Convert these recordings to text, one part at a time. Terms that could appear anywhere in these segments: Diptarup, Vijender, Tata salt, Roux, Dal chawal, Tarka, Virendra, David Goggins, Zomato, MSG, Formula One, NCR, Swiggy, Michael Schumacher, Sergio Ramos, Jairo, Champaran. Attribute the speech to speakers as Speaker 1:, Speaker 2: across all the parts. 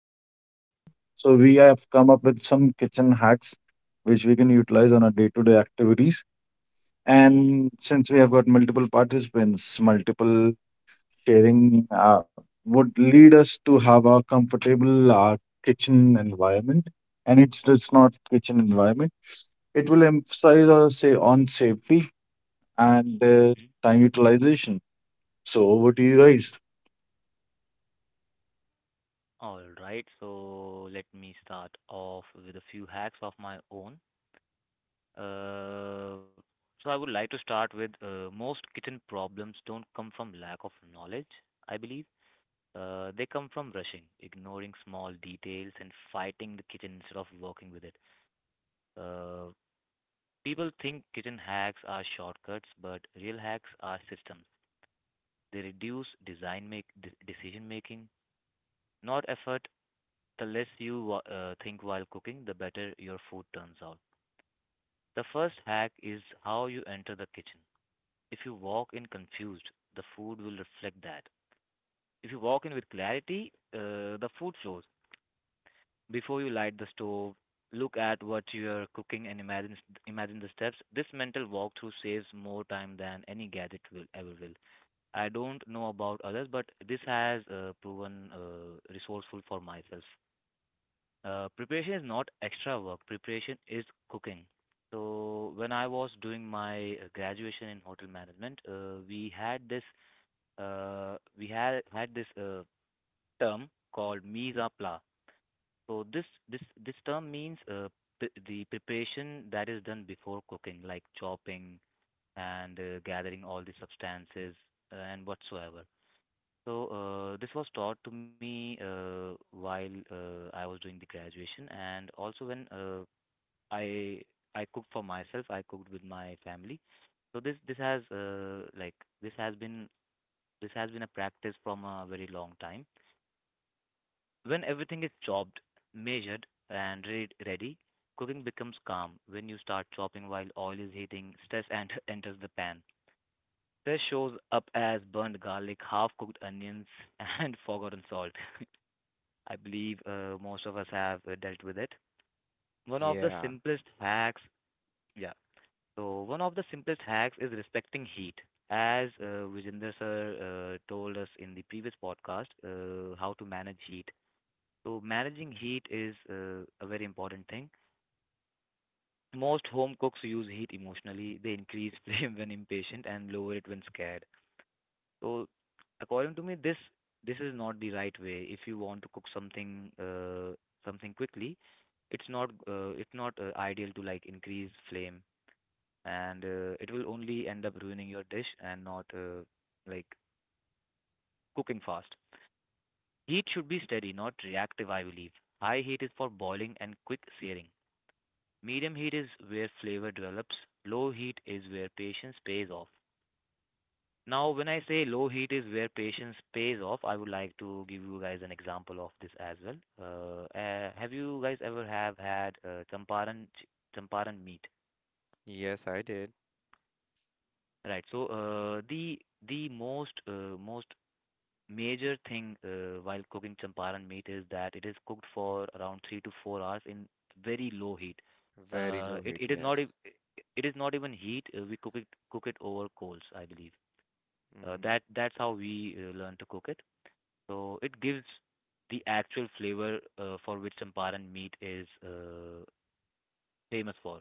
Speaker 1: creating another one. So we have come up with some kitchen hacks which we can utilize on our day-to-day activities.
Speaker 2: mhm,
Speaker 1: And since we have got multiple participants, multiple sharing would lead us to have a comfortable kitchen environment. And it's just not kitchen environment. It will emphasize or say on safety and
Speaker 2: mhm.
Speaker 1: time utilization. So over to you guys.
Speaker 2: All right, so let me start off with a few hacks of my own. Uh, so I would like to start with most kitchen problems don't come from lack of knowledge, I believe. They come from rushing, ignoring small details, and fighting the kitchen instead of working with it. Uh, People think kitchen hacks are shortcuts, but real hacks are systems. They reduce decision making, not effort. The less you think while cooking, the better your food turns out. The first hack is how you enter the kitchen. If you walk in confused, the food will reflect that. If you walk in with clarity, the food flows. Before you light the stove, look at what you are cooking and imagine the steps. This mental walkthrough saves more time than any gadget will ever will. I don't know about others, but this has proven resourceful for myself. Preparation is not extra work. Preparation is cooking. So when I was doing my graduation in hotel management, we had this we had had this term called mise en plat. So this term means the preparation that is done before cooking, like chopping and gathering all the substances and whatsoever. So this was taught to me while I was doing the graduation, and also when I I cooked for myself. I cooked with my family. So this has this has been this has been a practice from a very long time. When everything is chopped, measured, and ready, cooking becomes calm. When you start chopping while oil is heating, stress and enters the pan. Stress shows up as burnt garlic, half-cooked onions, and forgotten salt. I believe most of us have dealt with it. One of the
Speaker 3: Yeah.
Speaker 2: simplest hacks, yeah. So one of the simplest hacks is respecting heat. As Vijender sir told us in the previous podcast, how to manage heat. So managing heat is a very important thing. Most home cooks use heat emotionally. They increase flame when impatient and lower it when scared. So according to me, this is not the right way. If you want to cook something quickly, it's not ideal to like increase flame and it will only end up ruining your dish and not like cooking fast. Heat should be steady, not reactive, I believe. High heat is for boiling and quick searing. Medium heat is where flavor develops. Low heat is where patience pays off. Now, when I say low heat is where patience pays off, I would like to give you guys an example of this as well. Have you guys ever have had champaran meat?
Speaker 3: Yes, I did.
Speaker 2: Right. So the most major thing while cooking champaran meat is that it is cooked for around 3 to 4 hours in very low heat.
Speaker 3: Very low
Speaker 2: It
Speaker 3: heat,
Speaker 2: it is not
Speaker 3: yes.
Speaker 2: ev- it is not even heat. We cook it over coals, I believe.
Speaker 3: hmm
Speaker 2: That's how we learn to cook it. So it gives the actual flavor for which champaran meat is famous for.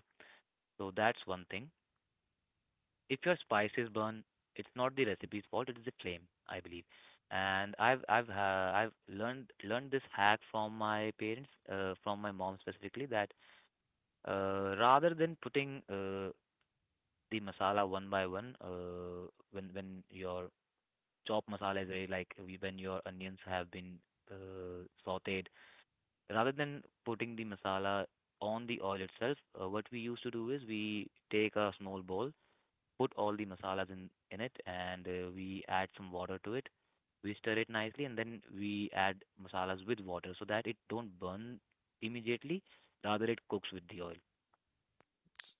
Speaker 2: So that's one thing. If your spice is burned, it's not the recipe's fault; it is the flame, I believe. And I've learned this hack from my parents, from my mom specifically, that rather than putting the masala one by one, when your chopped masala is ready, like when your onions have been sautéed, rather than putting the masala on the oil itself, what we used to do is we take a small bowl, put all the masalas in it and we add some water to it. We stir it nicely and then we add masalas with water so that it don't burn immediately, rather it cooks with the oil.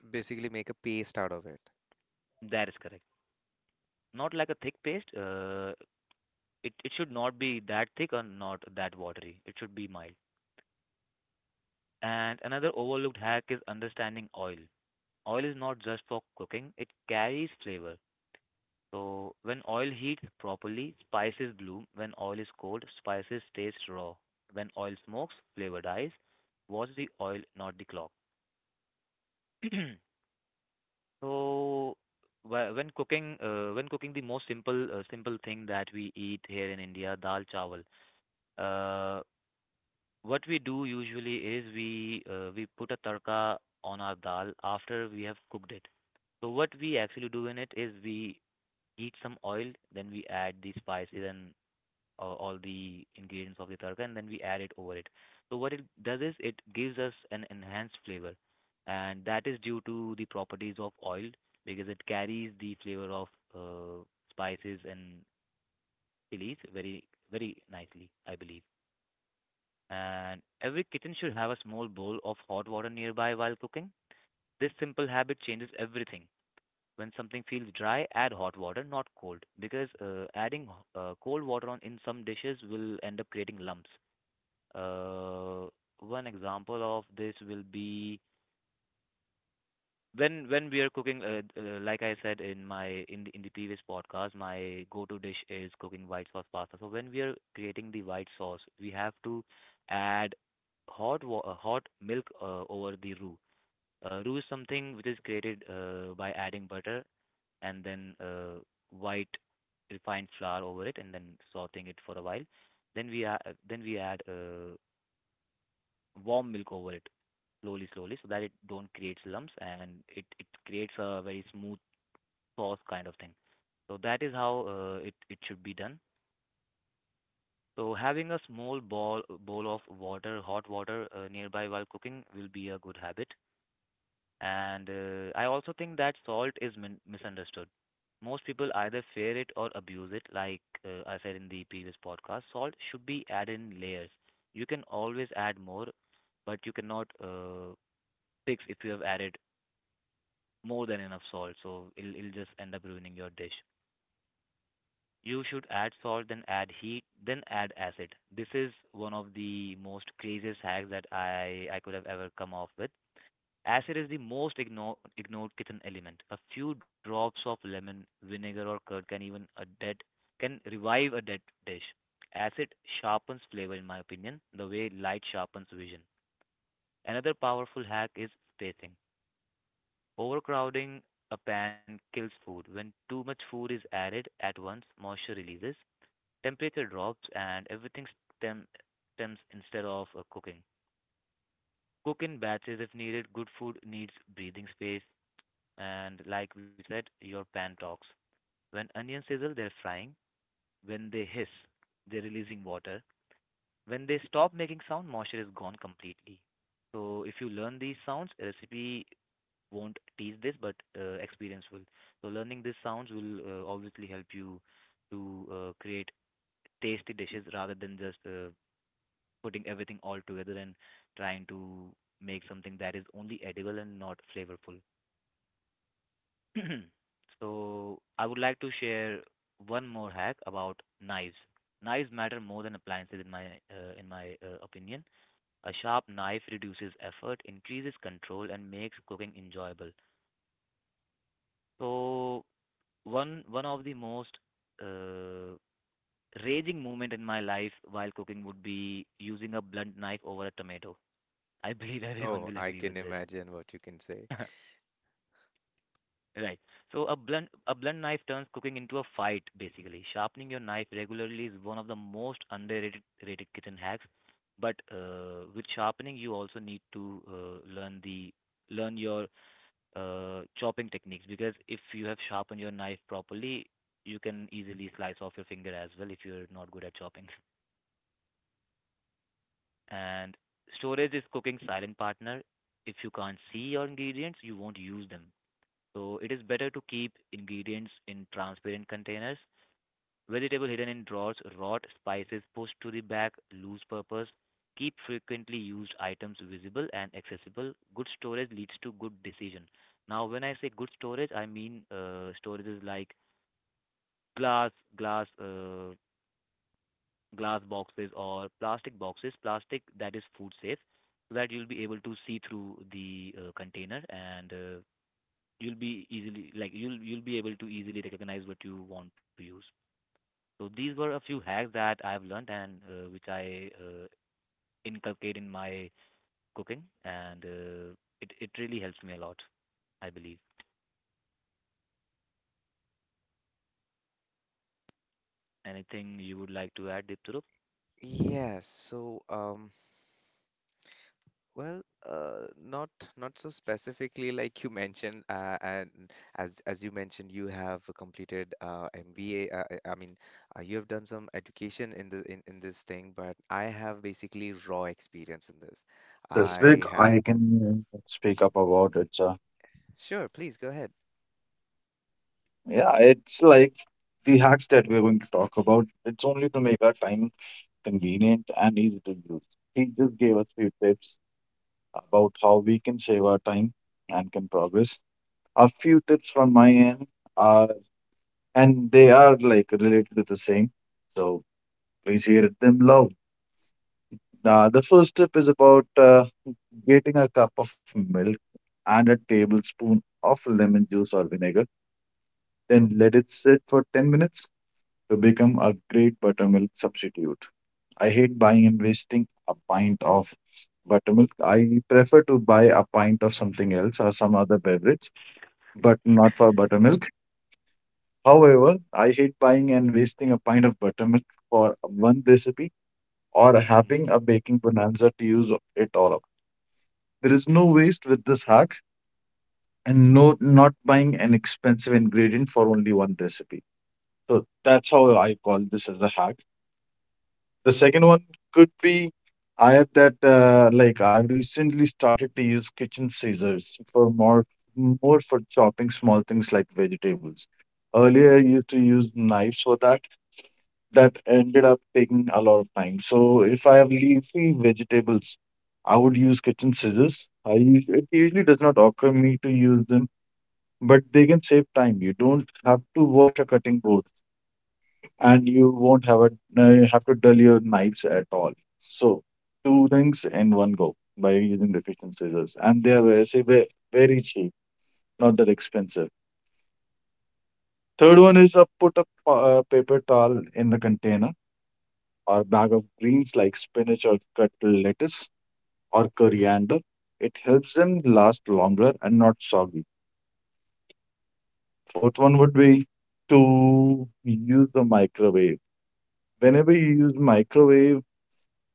Speaker 3: Basically make a paste out of it.
Speaker 2: That is correct. Not like a thick paste. It should not be that thick or not that watery. It should be mild. And another overlooked hack is understanding oil. Oil is not just for cooking, it carries flavor. So when oil heats properly, spices bloom. When oil is cold, spices taste raw. When oil smokes, flavor dies. Watch the oil, not the clock. So when cooking, the most simple thing that we eat here in India, dal chawal. Uh, what we do usually is we put a tarka on our dal after we have cooked it. So what we actually do in it is we heat some oil, then we add the spices and all the ingredients of the tarka and then we add it over it. So what it does is it gives us an enhanced flavor, and that is due to the properties of oil because it carries the flavor of uh, spices and chilies very nicely, I believe. And every kitchen should have a small bowl of hot water nearby while cooking. This simple habit changes everything. When something feels dry, add hot water, not cold, because adding cold water on in some dishes will end up creating lumps. Uh, One example of this will be when we are cooking. Like I said in in the previous podcast, my go-to dish is cooking white sauce pasta. So when we are creating the white sauce, we have to add hot milk over the roux. Roux is something which is created by adding butter and then white refined flour over it and then sauteing it for a while. Then we add, then we add warm milk over it slowly, slowly, so that it don't create lumps and it creates a very smooth sauce kind of thing. So that is how it should be done. So having a small bowl of water, hot water nearby while cooking will be a good habit. And I also think that salt is misunderstood. Most people either fear it or abuse it. Like I said in the previous podcast, salt should be added in layers. You can always add more, but you cannot sticks if you have added more than enough salt, so it'll just end up ruining your dish. You should add salt, then add heat, then add acid. This is one of the most craziest hacks that I could have ever come off with. Acid is the most ignored kitchen element. A few drops of lemon, vinegar, or curd can revive a dead dish. Acid sharpens flavor, in my opinion, the way light sharpens vision. Another powerful hack is spacing. Overcrowding a pan kills food. When too much food is added at once, moisture releases, temperature drops, and everything stem- stems instead of cooking. Cook in batches if needed. Good food needs breathing space. And like we said, your pan talks. When onions sizzle, they're frying. When they hiss, they're releasing water. When they stop making sound, moisture is gone completely. So if you learn these sounds, recipe won't teach this, but experience will. So learning these sounds will obviously help you to create tasty dishes rather than just putting everything all together and trying to make something that is only edible and not flavorful. So I would like to share one more hack about knives. Knives matter more than appliances in my opinion. A sharp knife reduces effort, increases control, and makes cooking enjoyable. So one of the most uh, raging moment in my life while cooking would be using a blunt knife over a tomato. I believe everyone
Speaker 3: Oh,
Speaker 2: will
Speaker 3: I
Speaker 2: agree
Speaker 3: can
Speaker 2: with this.
Speaker 3: imagine what you can say.
Speaker 2: Right. So a blunt knife turns cooking into a fight basically. Sharpening your knife regularly is one of the most underrated rated kitchen hacks. But with sharpening, you also need to learn the learn your chopping techniques because if you have sharpened your knife properly, you can easily slice off your finger as well if you're not good at chopping. And storage is cooking silent partner. If you can't see your ingredients, you won't use them. So it is better to keep ingredients in transparent containers. Vegetable hidden in drawers, rot, spices pushed to the back, lose purpose. Keep frequently used items visible and accessible. Good storage leads to good decision. Now, when I say good storage, I mean storages like glass, glass, uh, glass boxes or plastic boxes. Plastic that is food safe, so that you'll be able to see through the container and you'll be easily you'll be able to easily recognize what you want to use. So these were a few hacks that I've learned and which I inculcate in my cooking, and it really helps me a lot, I believe. Anything you would like to add, Diptarup?
Speaker 3: Yes. Well, not so specifically like you mentioned, and as you mentioned you have completed MBA, I mean you have done some education in in this thing, but I have basically raw
Speaker 1: If you
Speaker 3: experience in
Speaker 1: don't
Speaker 3: this.
Speaker 1: have anything specific,
Speaker 3: I have
Speaker 1: I can speak up about it. So
Speaker 3: sure please go ahead.
Speaker 1: yeah, it's like the hacks that we're going to talk about. It's only to make our time convenient and easy to use. He just gave us few tips about how we can save our time and can progress. A few tips from my end are, and they are like related to the same. So please hear them love. The first tip is about getting a cup of milk and a tablespoon of lemon juice or vinegar, then let it sit for 10 minutes to become a great buttermilk substitute. I hate buying and wasting a pint of buttermilk. I prefer to buy a pint of something else or some other beverage, but not for buttermilk. However, I hate buying and wasting a pint of buttermilk for one recipe or
Speaker 2: Mm-hmm.
Speaker 1: having a baking bonanza to use it all up. There is no waste with this hack, and no not buying an expensive ingredient for only one recipe. So that's how I call this as a hack. The second one could be I have that like I recently started to use kitchen scissors for more for chopping small things like vegetables. Earlier I used to use knives for that. That ended up taking a lot of time. So if I have leafy vegetables, I would use kitchen scissors. It usually does not occur me to use them, but they can save time. You don't have to wash a cutting board, and you won't have to dull your knives at all. So two things in one go by using the kitchen scissors, and they are very cheap, not that expensive. Third one is put a paper towel in the container or bag of greens like spinach or cut lettuce or coriander. It helps them last longer and not soggy. Fourth one would be to use the microwave. Whenever you use microwave,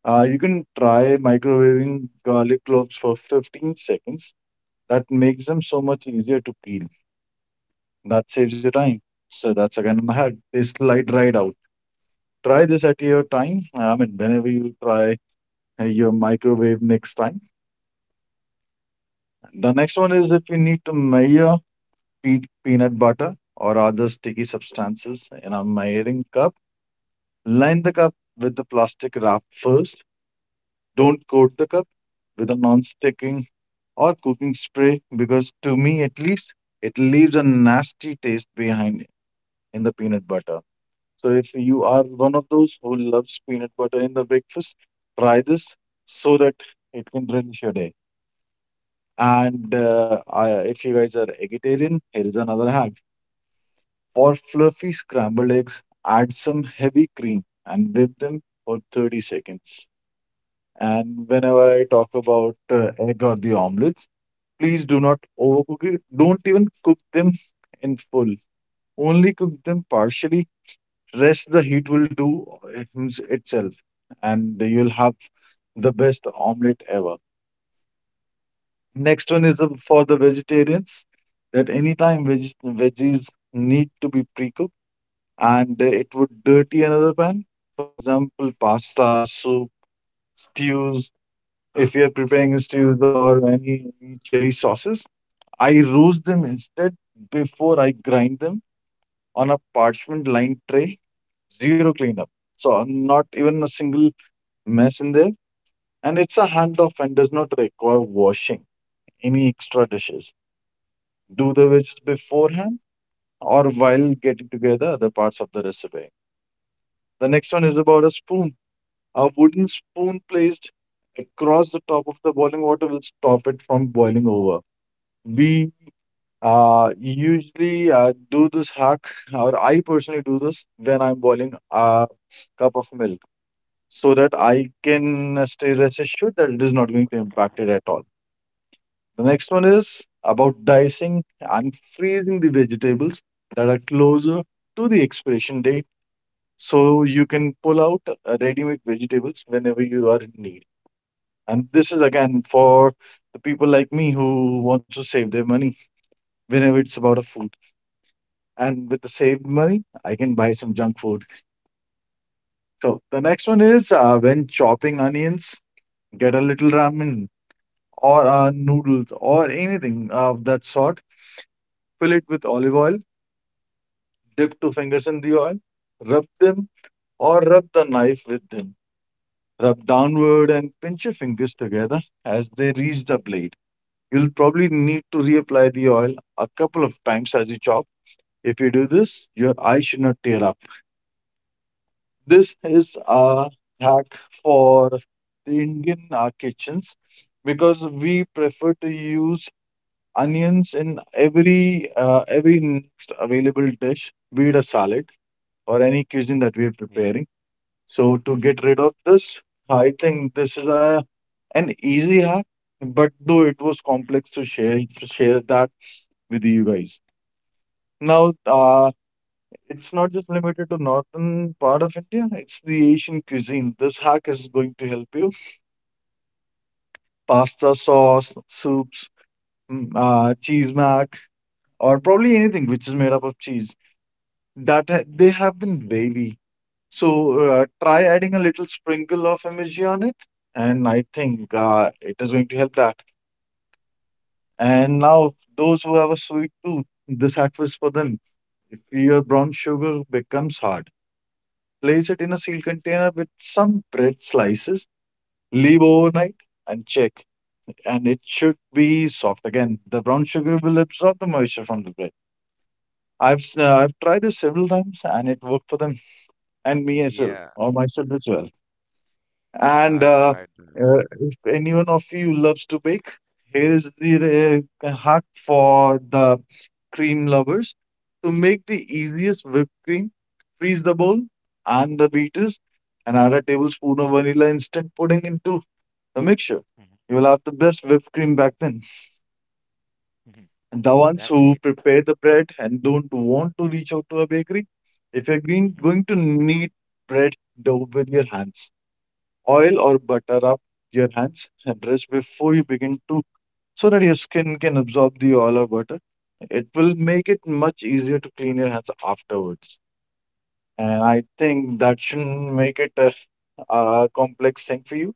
Speaker 1: you can try microwaving garlic cloves for 15 seconds. That makes them so much easier to peel. That saves you time. So that's again a hack. They slide right out. Try this at your time. I mean, whenever you try your microwave next time. The next one is if you need to measure pe- peanut butter or other sticky substances in a measuring cup, line the cup with the plastic wrap first. Don't coat the cup with a non-stick or cooking spray because to me at least it leaves a nasty taste behind in the peanut butter. So if you are one of those who loves peanut butter in the breakfast, try this so that it can relish your day. If you guys are vegetarian, here is another hack. For fluffy scrambled eggs, add some heavy cream and whip them for 30 seconds. And whenever I talk about egg or the omelette, please do not overcook it. Don't even cook them in full. Only cook them partially. Rest the heat will do itself, and you'll have the best omelette ever. Next one is for the vegetarians that anytime veggies need to be pre-cooked and it would dirty another pan. For example, pasta, soup, stews. If you're preparing stews or any chili sauces, I roast them instead before I grind them on a parchment lined tray. Zero cleanup. So not even a single mess in there. And it's a handoff and does not require washing any extra dishes. Do the veggies beforehand or while getting together other parts of the recipe. The next one is about a spoon. A wooden spoon placed across the top of the boiling water will stop it from boiling over. We usually I do this hack, or I personally do this when I'm boiling a cup of milk so that I can stay rest assured that it is not going to impact it at all. The next one is about dicing and freezing the vegetables that are closer to the expiration date so you can pull out ready-made vegetables whenever you are in need. And this is again for the people like me who wants to save their money whenever it's about a food, and with the saved money, I can buy some junk food. So the next one is, when chopping onions, get a little ramen or noodles or anything of that sort. Fill it with olive oil, dip two fingers in the oil, rub them or rub the knife with them. Rub downward and pinch your fingers together as they reach the blade. You'll probably need to reapply the oil a couple of times as you chop. If you do this, your eye should not tear up. This is
Speaker 2: Mm-hmm.
Speaker 1: a hack for the Indian kitchens because we prefer to use onions in every next available dish, be it a salad or any cuisine that we are
Speaker 2: Yeah.
Speaker 1: preparing. So to get rid of this, I think this is a an easy hack. But though it was
Speaker 2: Mm-hmm.
Speaker 1: complex to share that with you guys. Now, it's not just limited to northern part of India, it's the Asian cuisine. This hack is going to help you. Pasta, sauce, soups, cheese mac, or probably anything which is made up of cheese. That they
Speaker 2: Mm-hmm.
Speaker 1: have been wavy. So try adding a little sprinkle of MSG on it, and I think
Speaker 2: Mm-hmm.
Speaker 1: it is going to help that. And now, those who have a sweet tooth, this hack was for them. If your brown sugar becomes hard, place it in a sealed container with some bread slices, leave overnight, and check. And it should be soft again. The brown sugar will absorb the moisture from the bread. I've tried this several times, and it worked for them and me as well,
Speaker 3: Yeah,
Speaker 1: or myself as well. And
Speaker 3: I've
Speaker 2: Mm-hmm.
Speaker 3: tried that.
Speaker 1: if anyone of you loves to bake, here is the hack for the cream lovers. To make the easiest whipped cream, freeze the bowl and the beaters and add a tablespoon of vanilla instant pudding into the mixture.
Speaker 2: Mm-hmm.
Speaker 1: You will have the best whipped cream back then.
Speaker 2: Mm-hmm.
Speaker 1: And the ones
Speaker 2: That's
Speaker 1: who
Speaker 2: great.
Speaker 1: prepare the bread and don't want to reach out to a bakery, if you're going
Speaker 2: Mm-hmm.
Speaker 1: going to knead bread dough with your hands, oil or butter up your hands and rest before you
Speaker 2: Mm-hmm.
Speaker 1: begin to, so that your skin can absorb the oil or butter. It will make it much easier to clean your hands afterwards. And I
Speaker 2: Mm-hmm.
Speaker 1: think that shouldn't make it a complex thing for you.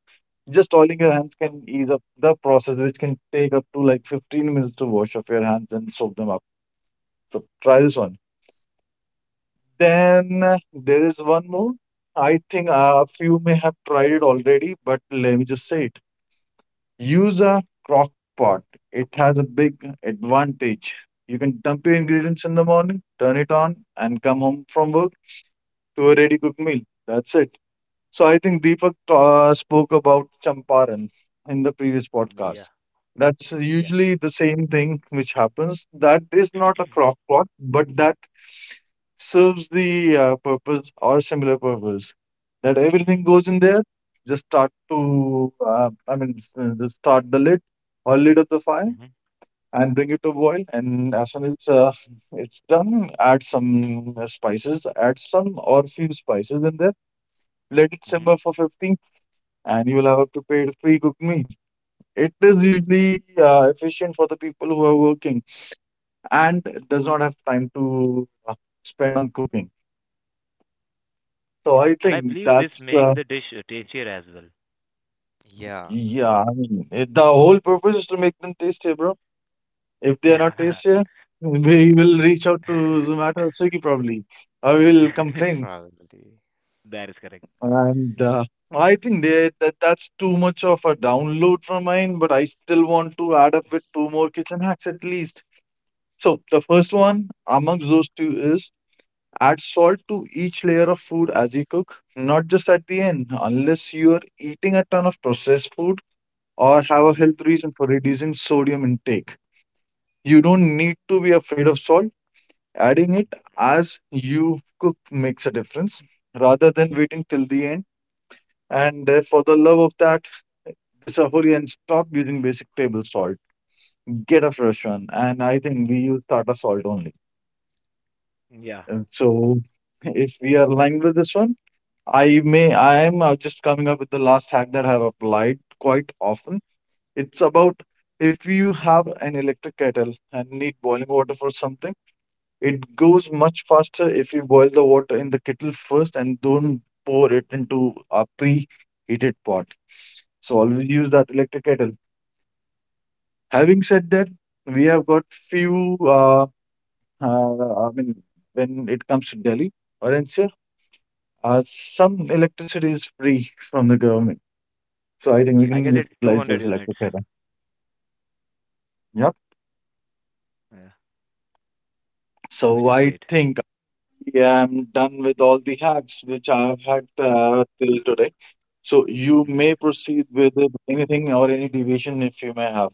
Speaker 1: Just oiling your hands can ease up the process, which can take up to like 15 minutes to wash off your hands and soak them up. So try this
Speaker 2: Mm-hmm.
Speaker 1: one. Then there is one more. I think a few may have tried it already, but let me just say it. Use a
Speaker 2: Mm-hmm.
Speaker 1: crock pot. It has a big advantage. You can dump your ingredients in the morning, turn it on, and come home from work to a ready cooked meal. That's it. So I think Deepak spoke about champaran in the previous podcast.
Speaker 2: Yeah.
Speaker 1: That's
Speaker 2: Yeah.
Speaker 1: usually the same thing which happens. That is not a crock pot, but that serves the purpose or similar purpose. That everything
Speaker 2: Mm-hmm.
Speaker 1: goes in there. Just start to, I mean, just start the lid or lid of the fire
Speaker 2: Mm-hmm.
Speaker 1: and bring it to boil. And as soon as it's done, add some spices, add some or few spices in there. Let it
Speaker 2: Mm-hmm.
Speaker 1: simmer for 15, and you will have a prepared pre-cooked meal. It is usually efficient for the people who are working and does not have time to spend on cooking. So I
Speaker 2: And I
Speaker 1: think
Speaker 2: believe this
Speaker 1: that's
Speaker 2: makes the dish tastier as well.
Speaker 3: Yeah,
Speaker 1: yeah, I mean, it, the whole purpose is to make them tastier, bro. If they are not
Speaker 2: Yeah.
Speaker 1: tastier, we will reach out to Zomato or Swiggy probably. I will complain.
Speaker 3: probably.
Speaker 2: That is correct.
Speaker 1: And I think they, that that's too much of a download from mine, but I still want to add up with two more kitchen hacks at least. So the first one amongst those two is add salt to each layer of food as you cook, not just at the end, unless you're eating a ton of processed food or have a
Speaker 2: Mhm.
Speaker 1: health reason for reducing sodium intake. You don't need to be afraid of salt. Adding it as you cook makes a difference rather than waiting till the end. And for the love of that, this a hurry and stop using basic table salt. Get a fresh one. And I think we use Tata salt only.
Speaker 2: Yeah.
Speaker 1: And so if we are aligned with this one, I am just coming up with the last hack that I have applied quite often. It's about if you have an electric kettle and need boiling water for something, it goes much faster if you boil the water in the kettle first and don't pour it into a preheated pot. So always use that electric kettle. Having said that, we have got few. I mean, when it comes to Delhi or NCR, some electricity is free from the government. So I think we
Speaker 2: I
Speaker 1: can
Speaker 2: guess
Speaker 3: Yes.
Speaker 2: it's
Speaker 1: utilize this
Speaker 2: 200
Speaker 1: electric
Speaker 2: units.
Speaker 1: kettle. Yep.
Speaker 2: Yeah.
Speaker 1: So
Speaker 2: Which is
Speaker 1: I
Speaker 2: great.
Speaker 1: think yeah, I'm done with all the hacks which I've had till today. So you may
Speaker 2: Mhm.
Speaker 1: proceed with it, anything or any deviation if you may have.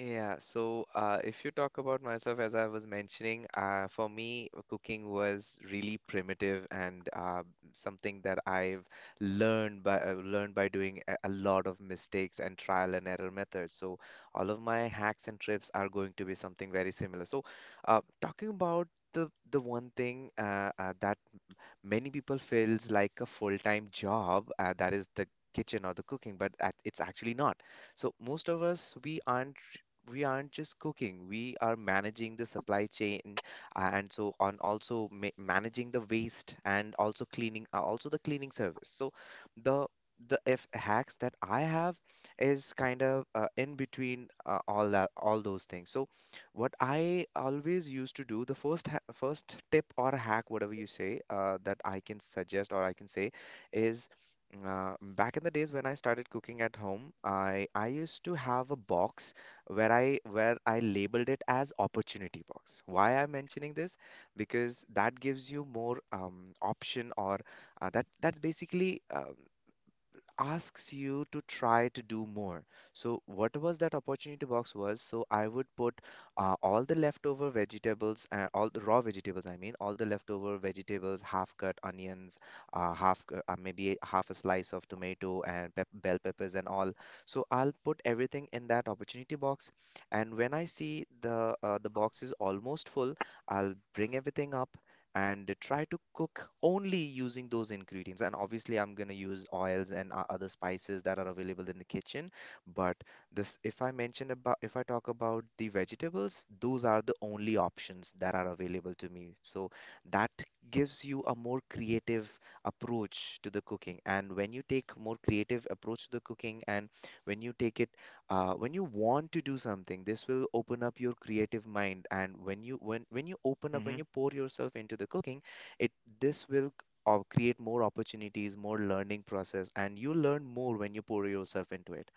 Speaker 3: If you talk about myself, as I was mentioning, for me, cooking was really primitive and something that I've learned by doing a lot of mistakes and trial and error methods. So all of my hacks and trips are going to be something very similar. So talking about the one thing that many people feels like a full-time job, that is the kitchen or the cooking, but that it's actually not. So most of us we aren't just cooking. We are managing the supply chain, and so on, also ma managing the waste and also cleaning, also the cleaning service. So the the F hacks that I have is kind of in between all those things. So what I always used to do, the first ha first tip or hack, whatever you say, that I can suggest or I can say is back in the days when I started cooking at home, I used to have a box where I labeled it as opportunity box. Why I'm mentioning this? Because that gives you more option or that's basically. Asks you to try to do more. So what was that opportunity box was, so I would put all the leftover vegetables, all the raw vegetables, I mean, all the leftover vegetables, half cut onions, maybe half a slice of tomato and pep bell peppers and all. So I'll put everything in that opportunity box, and when I see the box is almost full, I'll bring everything up and try to cook only using those ingredients. And obviously, I'm going to use oils and other spices that are available in the kitchen. But this, if I mention about, if I talk about the vegetables, those are the only options that are available to me. So that gives you a more creative approach to the cooking. And when you take more creative approach to the cooking, and when you take it when you want to do something, this will open up your creative mind, and when you open up when you
Speaker 2: Mhm.
Speaker 3: pour yourself into the cooking, it this will create more opportunities, more learning process, and you learn more when you pour yourself into it.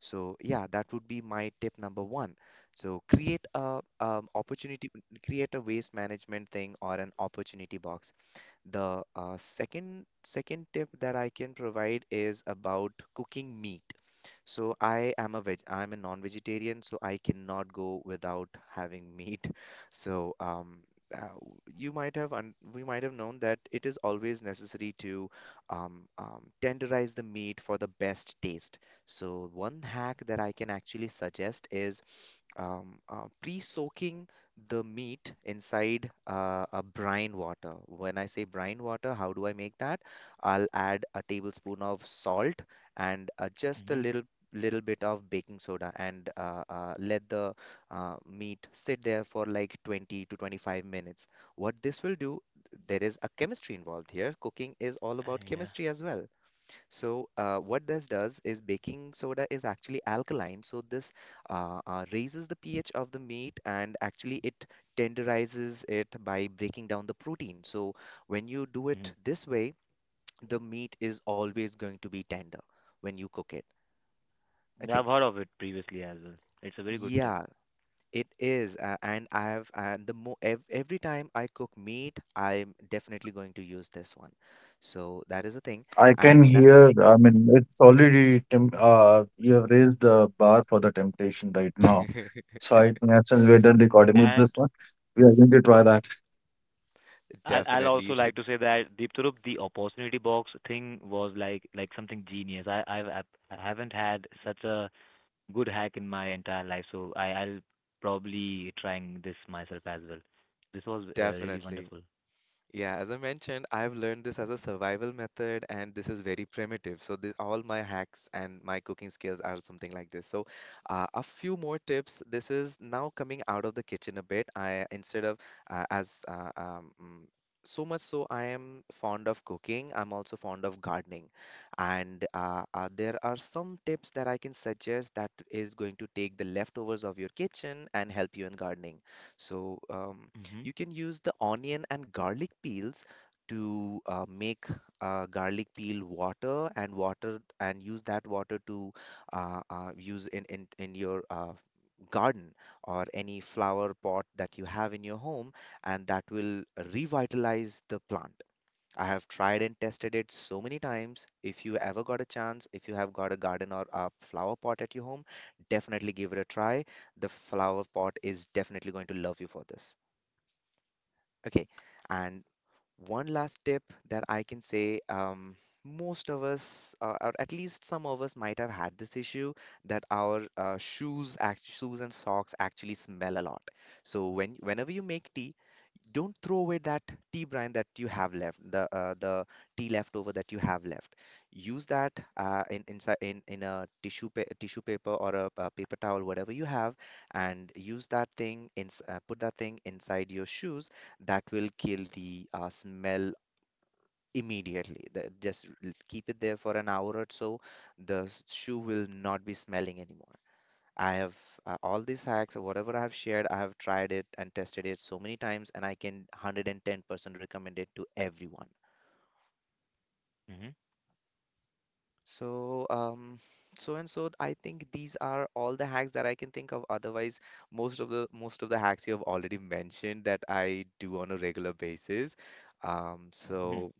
Speaker 3: So yeah, that would be my tip number one. So create a opportunity create a waste management thing or an opportunity box. The second tip that I can provide is about cooking meat. So I'm a non-vegetarian, so I cannot go without having meat. So uh, you might have un we might have known that it is always necessary to tenderize the meat for the best taste. So one hack that I can actually suggest is pre-soaking the meat inside a brine water. When I say brine water, how do I make that? I'll add a tablespoon of salt and just a
Speaker 2: Mhm.
Speaker 3: little bit of baking soda and let the meat sit there for like 20 to 25 minutes. What this will do, there is a chemistry involved here. Cooking is all about
Speaker 2: Yeah.
Speaker 3: chemistry as well. So, what this does is baking soda is actually alkaline. So, this raises the pH of the meat, and actually it tenderizes it by breaking down the protein. So, when you do
Speaker 2: Mhm.
Speaker 3: it this way, the meat is always going to be tender when you cook it.
Speaker 2: Yeah,
Speaker 3: Okay.
Speaker 2: I've heard of it previously as well. It's a very good tip.
Speaker 3: Yeah, it is, and I have, and the mo ev every time I cook meat, I'm definitely going to use this one. So that is the thing,
Speaker 1: I can
Speaker 3: and
Speaker 1: hear, I mean, it's already temp you have raised the bar for the temptation right now. So I think as well we're done recording with this
Speaker 2: And
Speaker 1: one. We are going to try that.
Speaker 2: I I'll
Speaker 3: Definitely,
Speaker 2: also
Speaker 3: you
Speaker 2: like
Speaker 3: should
Speaker 2: to say that Deepthurup, the opportunity box thing was like something genius. I've I haven't had such a good hack in my entire life, so I I'll probably trying this myself as well. This was really
Speaker 3: definitely.
Speaker 2: wonderful.
Speaker 3: Yeah, as I mentioned, I've learned this as a survival method, and this is very primitive. So, this, all my hacks and my cooking skills are something like this. So, a few more tips. This is now coming out of the kitchen a bit. I instead of uh, as uh, um, mm, so much so, I am fond of cooking. I'm also fond of gardening, and there are some tips that I can suggest that is going to take the leftovers of your kitchen and help you in gardening. So.
Speaker 2: Mhm.
Speaker 3: You can use the onion and garlic peels to make garlic peel water and water and use that water to use in your garden or any flower pot that you have in your home, and that will revitalize the plant. I have tried and tested it so many times. If you ever got a chance, if you have got a garden or a flower pot at your home, definitely give it a try. The flower pot is definitely going to love you for this. Okay, and one last tip that I can say, most of us, or at least some of us, might have had this issue that our shoes and socks actually smell a lot. So whenever you make tea, don't throw away that tea brine that you have left, the tea leftover that you have left. Use that, in inside in a tissue paper or a, paper towel, whatever you have, and use that thing in, put that thing inside your shoes. That will kill the smell immediately. The, keep it there for an hour or so, the shoe will not be smelling anymore. I have all these hacks, whatever I have shared, I have tried it and tested it so many times, and I can 110% recommend it to everyone.
Speaker 2: Mhm.
Speaker 3: So, I think these are all the hacks that I can think of. Otherwise, most of the hacks you have already mentioned that I do on a regular basis. Um,
Speaker 2: Mhm.
Speaker 3: so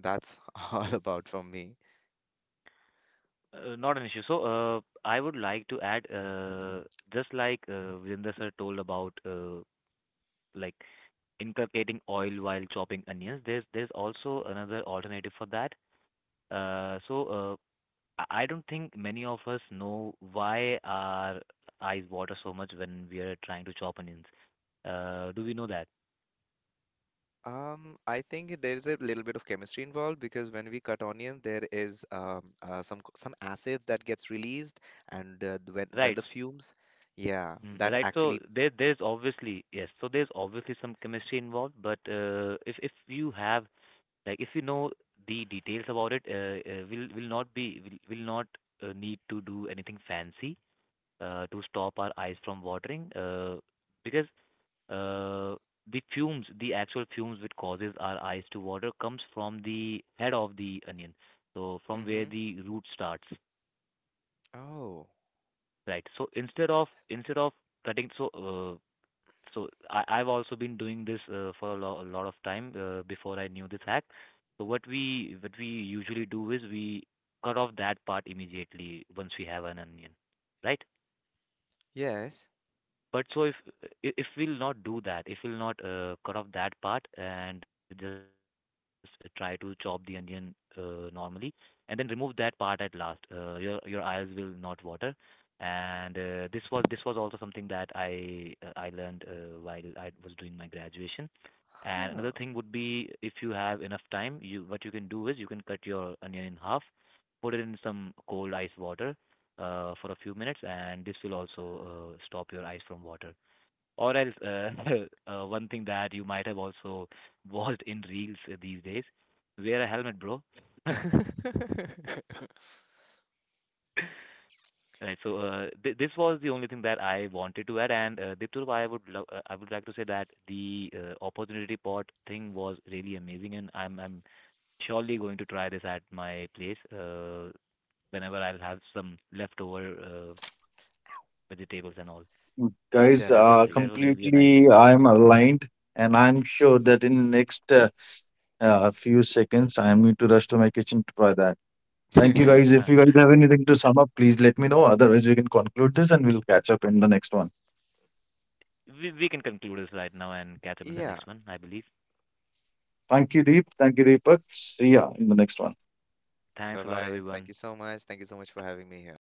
Speaker 3: that's all about from me.
Speaker 2: Not an issue. So, I would like to add, just like Virendra sir told about, like inculcating oil while chopping onions. There's also another alternative for that. Uh, so uh, I don't think many of us know why our eyes water so much when we are trying to chop onions. Do we know that?
Speaker 3: I think there's a little bit of chemistry involved because when we cut onion, there is some acids that gets released, and when
Speaker 2: Right.
Speaker 3: the fumes, yeah, that
Speaker 2: Right. So
Speaker 3: actually.
Speaker 2: there, there's obviously yes. So there's obviously some chemistry involved, but if you have, like, if you know the details about it, we'll, will not be, will not need to do anything fancy to stop our eyes from watering, because uh, the fumes, the actual fumes which causes our eyes to water comes from the head of the onion, so from where
Speaker 3: hmm
Speaker 2: the root starts,
Speaker 3: Oh,
Speaker 2: right? So instead of cutting, uh, So I, I've also been doing this for a, a lot of time before I knew this hack. So what we usually do is we cut off that part immediately once we have an onion, right?
Speaker 3: Yes.
Speaker 2: But so if we'll not do that, if we'll not cut off that part and just try to chop the onion normally, and then remove that part at last, your eyes will not water. And this was also something that I learned while I was doing my graduation. And another
Speaker 3: huh.
Speaker 2: thing would be if you have enough time, you what you can do is you can cut your onion in half, put it in some cold ice water for a few minutes, and this will also stop your eyes from water. Or else, one thing that you might have also watched in reels these days, wear a helmet, bro. Right. So th this was the only thing that I wanted to add, and Diptur, I would lo I would like to say that the opportunity pot thing was really amazing, and I'm surely going to try this at my place whenever I'll have some leftover vegetables and all.
Speaker 1: Mm. Guys,
Speaker 2: That was
Speaker 3: Definitely.
Speaker 2: that was really a nice
Speaker 1: completely
Speaker 2: thing.
Speaker 1: I'm aligned, and I'm sure that in next few seconds I'm going to rush to my kitchen to try that. Thank you, guys. If you guys have anything to sum up, please let me know. Otherwise, we can conclude this and we'll catch up in the next one.
Speaker 2: We can conclude this right now and catch up in the
Speaker 3: Yeah.
Speaker 2: next one, I believe.
Speaker 1: Thank you, Deep. Thank you, Deepak. See ya in the next one.
Speaker 3: Bye
Speaker 2: Thanks a lot,
Speaker 3: bye. Thank
Speaker 2: everyone.
Speaker 3: you so much. Thank you so much for having me here.